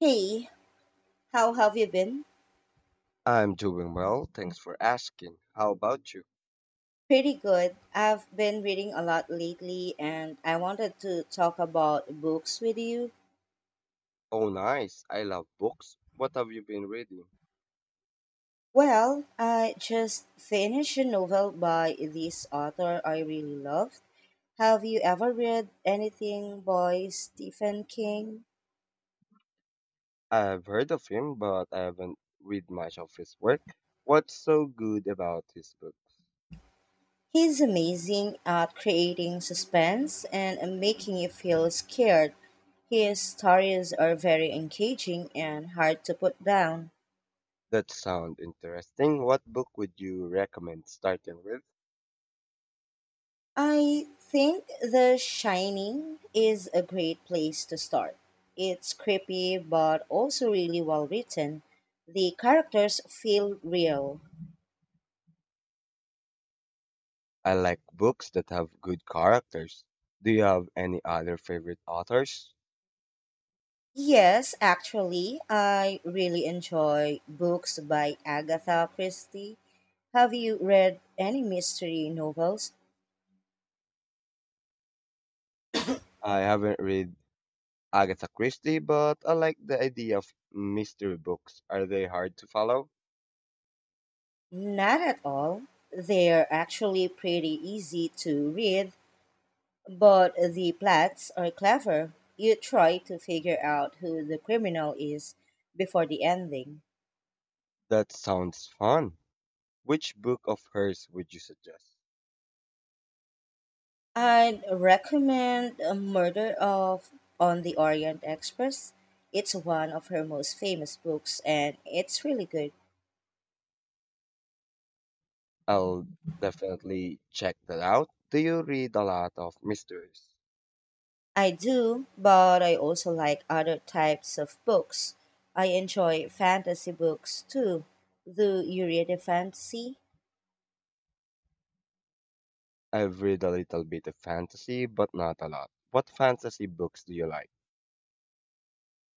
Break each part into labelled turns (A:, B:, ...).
A: Hey, how have you been?
B: I'm doing well, thanks for asking. How about you?
A: Pretty good. I've been reading a lot lately and I wanted to talk about books with you.
B: Oh, nice. I love books. What have you been reading?
A: Well, I just finished a novel by this author I really love. Have you ever read anything by Stephen King?
B: I've heard of him, but I haven't read much of his work. What's so good about his book?
A: He's amazing at creating suspense and making you feel scared. His stories are very engaging and hard to put down.
B: That sound interesting. What book would you recommend starting with?
A: I think The Shining is a great place to start. It's creepy but also really well written. The characters feel real.
B: I like books that have good characters. Do you have any other favorite authors?
A: Yes, actually, I really enjoy books by Agatha Christie. Have you read any mystery novels?
B: I haven't read Agatha Christie, but I like the idea of mystery books. Are they hard to follow?
A: Not at all. They're actually pretty easy to read, but the plots are clever. You try to figure out who the criminal is before the ending.
B: That sounds fun. Which book of hers would you suggest?
A: I'd recommend a Murder of on the Orient Express. It's one of her most famous books and it's really good.
B: I'll definitely check that out. Do you read a lot of mysteries?
A: I do, but I also like other types of books. I enjoy fantasy books too. Do you read a fantasy?
B: I've read a little bit of fantasy, but not a lot. What fantasy books do you like?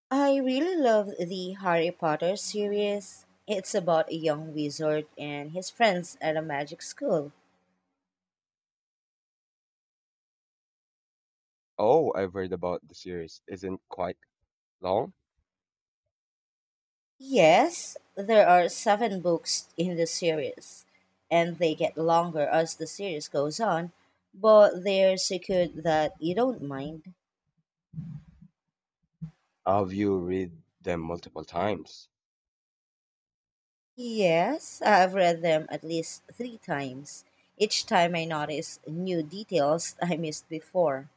A: I really love the Harry Potter series. It's about a young wizard and his friends at a magic school.
B: Oh, I've heard about the series. Isn't quite long?
A: Yes, there are seven books in the series, and they get longer as the series goes on, but they're secured that you don't mind.
B: Have you read them multiple times?
A: Yes, I've read them at least three times. Each time I notice new details I missed before.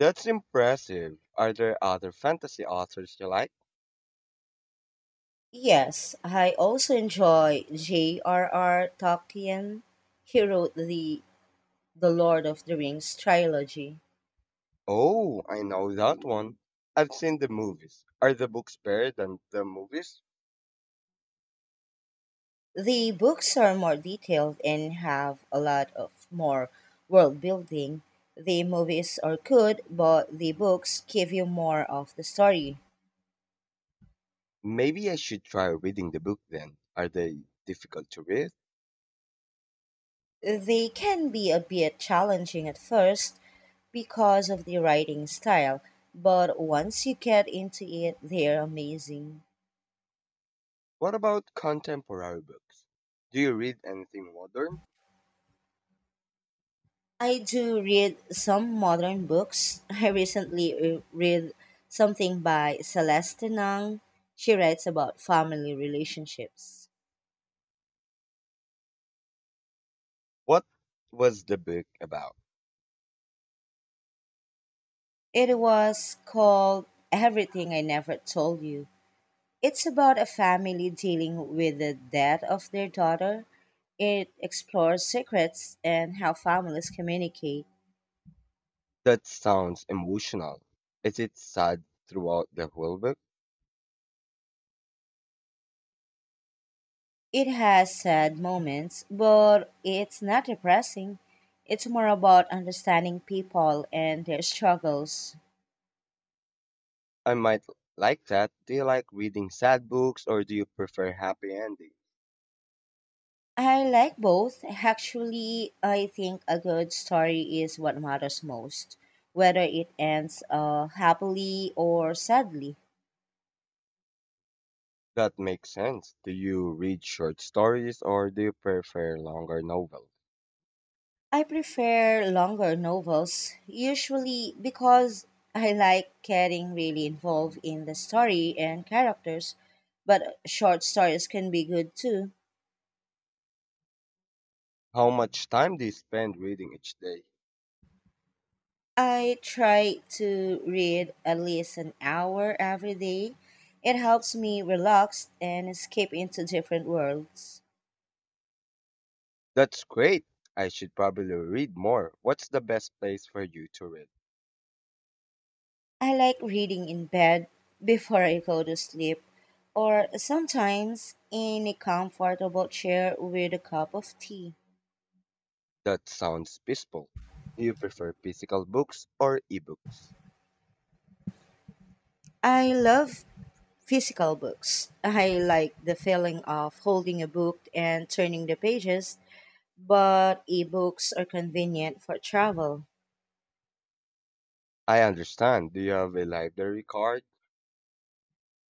B: That's impressive. Are there other fantasy authors you like?
A: Yes, I also enjoy J.R.R. Tolkien. He wrote The Lord of the Rings trilogy.
B: Oh, I know that one. I've seen the movies. Are the books better than the movies?
A: The books are more detailed and have a lot of more world building. The movies are good, but the books give you more of the story.
B: Maybe I should try reading the book then. Are they difficult to read?
A: They can be a bit challenging at first because of the writing style, but once you get into it, they're amazing.
B: What about contemporary books? Do you read anything modern?
A: I do read some modern books. I recently read something by Celeste Nang. She writes about family relationships.
B: What was the book about?
A: It was called Everything I Never Told You. It's about a family dealing with the death of their daughter. It explores secrets and how families communicate.
B: That sounds emotional. Is it sad throughout the whole book?
A: It has sad moments, but it's not depressing. It's more about understanding people and their struggles.
B: I might like that. Do you like reading sad books or do you prefer happy endings?
A: I like both. Actually, I think a good story is what matters most, whether it ends happily or sadly.
B: That makes sense. Do you read short stories or do you prefer longer novels?
A: I prefer longer novels, usually because I like getting really involved in the story and characters, but short stories can be good too.
B: How much time do you spend reading each day?
A: I try to read at least an hour every day. It helps me relax and escape into different worlds.
B: That's great. I should probably read more. What's the best place for you to read?
A: I like reading in bed before I go to sleep, or sometimes in a comfortable chair with a cup of tea.
B: That sounds peaceful. Do you prefer physical books or ebooks?
A: I love physical books. I like the feeling of holding a book and turning the pages, but ebooks are convenient for travel.
B: I understand. Do you have a library card?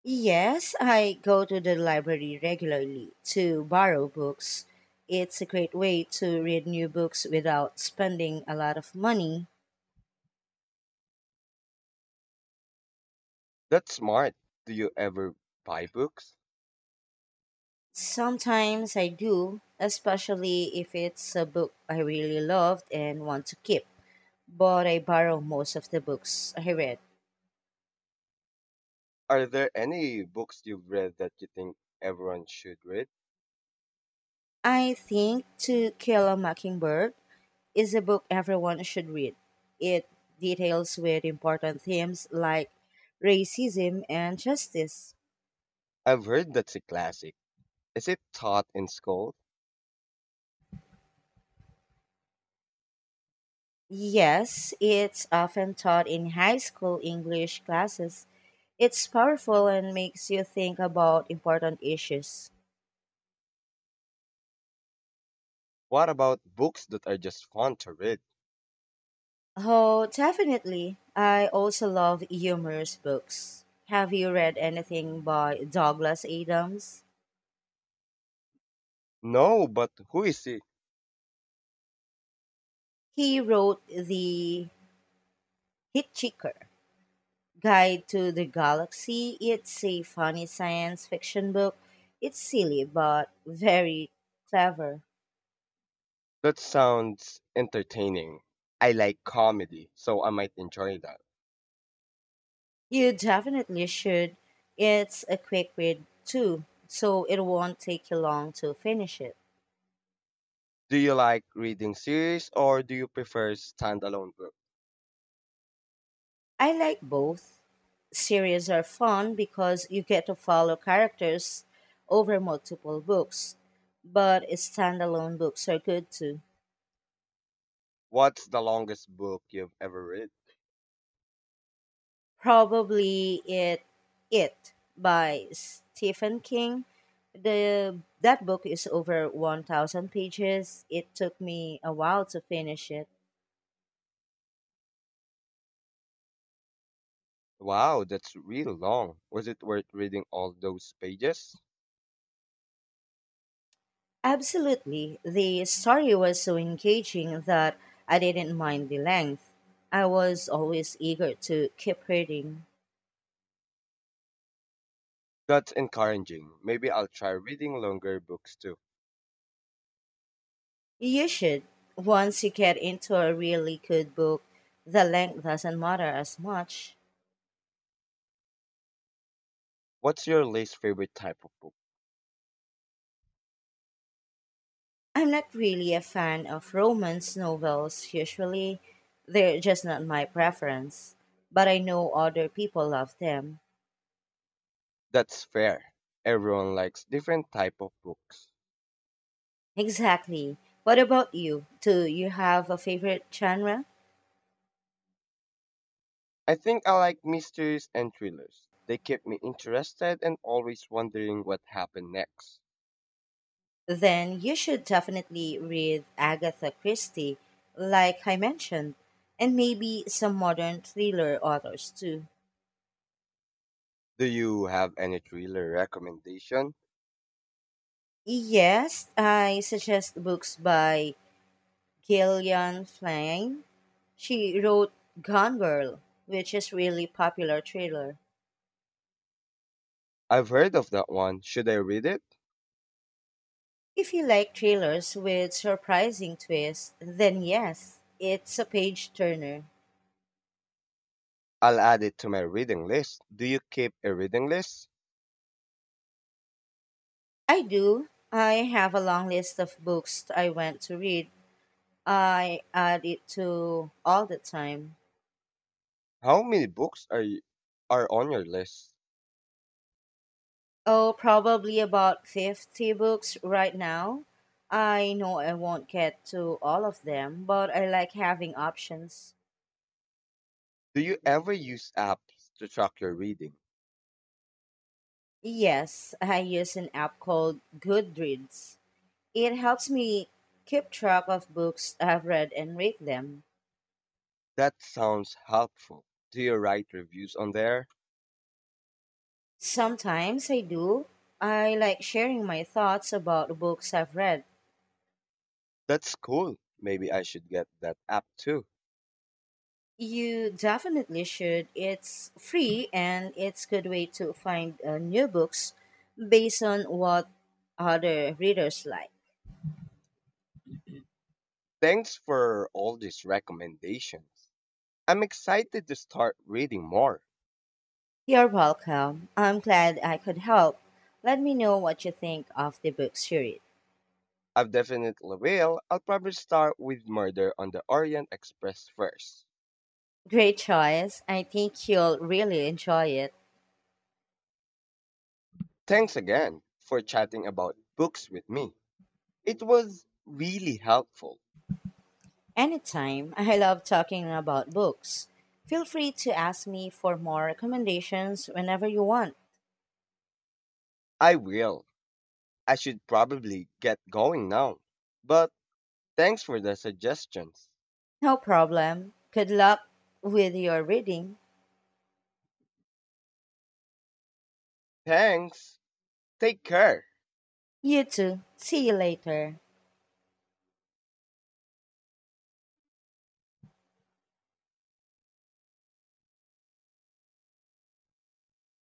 A: Yes, I go to the library regularly to borrow books. It's a great way to read new books without spending a lot of money.
B: That's smart. Do you ever buy books?
A: Sometimes I do, especially if it's a book I really loved and want to keep, but I borrow most of the books I read.
B: Are there any books you've read that you think everyone should read?
A: I think To Kill a Mockingbird is a book everyone should read. It details with important themes like racism and justice.
B: I've heard that's a classic. Is it taught in school?
A: Yes, it's often taught in high school English classes. It's powerful and makes you think about important issues.
B: What about books that are just fun to read?
A: Oh, definitely. I also love humorous books. Have you read anything by Douglas Adams?
B: No, but who is it?
A: He wrote The Hitchhiker Guide to the Galaxy. It's a funny science fiction book. It's silly but very clever.
B: That sounds entertaining. I like comedy, so I might enjoy that.
A: You definitely should. It's a quick read too, so it won't take you long to finish it.
B: Do you like reading series or do you prefer standalone book?
A: I like both. Series are fun because you get to follow characters over multiple books, but standalone books are good too.
B: What's the longest book you've ever read?
A: Probably it by Stephen King. The that book is over 1,000 pages. It took me a while to finish it.
B: Wow, that's real long. Was it worth reading all those pages?
A: Absolutely. The story was so engaging that I didn't mind the length. I was always eager to keep reading.
B: That's encouraging. Maybe I'll try reading longer books too.
A: You should. Once you get into a really good book, the length doesn't matter as much.
B: What's your least favorite type of book?
A: I'm not really a fan of romance novels usually. They're just not my preference. But I know other people love them.
B: That's fair. Everyone likes different type of books.
A: Exactly. What about you? Do you have a favorite genre?
B: I think I like mysteries and thrillers. They keep me interested and always wondering what happened next.
A: Then you should definitely read Agatha Christie, like I mentioned, and maybe some modern thriller authors too.
B: Do you have any thriller recommendation?
A: Yes, I suggest books by Gillian Flynn. She wrote Gone Girl, which is really popular thriller.
B: I've heard of that one. Should I read it?
A: If you like thrillers with surprising twists, then yes, it's a page turner.
B: I'll add it to my reading list. Do you keep a reading list?
A: I do. I have a long list of books I want to read. I add it to all the time.
B: How many books are you, are on your list?
A: Oh, probably about 50 books right now. I know I won't get to all of them, but I like having options.
B: Do you ever use apps to track your reading?
A: Yes, I use an app called Goodreads. It helps me keep track of books I've read and rate them.
B: That sounds helpful. Do you write reviews on there?
A: Sometimes I do. I like sharing my thoughts about books I've read.
B: That's cool. Maybe I should get that app too.
A: You definitely should. It's free and it's good way to find new books based on what other readers like.
B: Thanks for all these recommendations. I'm excited to start reading more.
A: You're welcome. I'm glad I could help. Let me know what you think of the book series.
B: I definitely will. I'll probably start with Murder on the Orient Express first.
A: Great choice. I think you'll really enjoy it.
B: Thanks again for chatting about books with me. It was really helpful.
A: Anytime. I love talking about books. Feel free to ask me for more recommendations whenever you want.
B: I will. I should probably get going now. But thanks for the suggestions.
A: No problem. Good luck with your reading.
B: Thanks. Take care.
A: You too. See you later.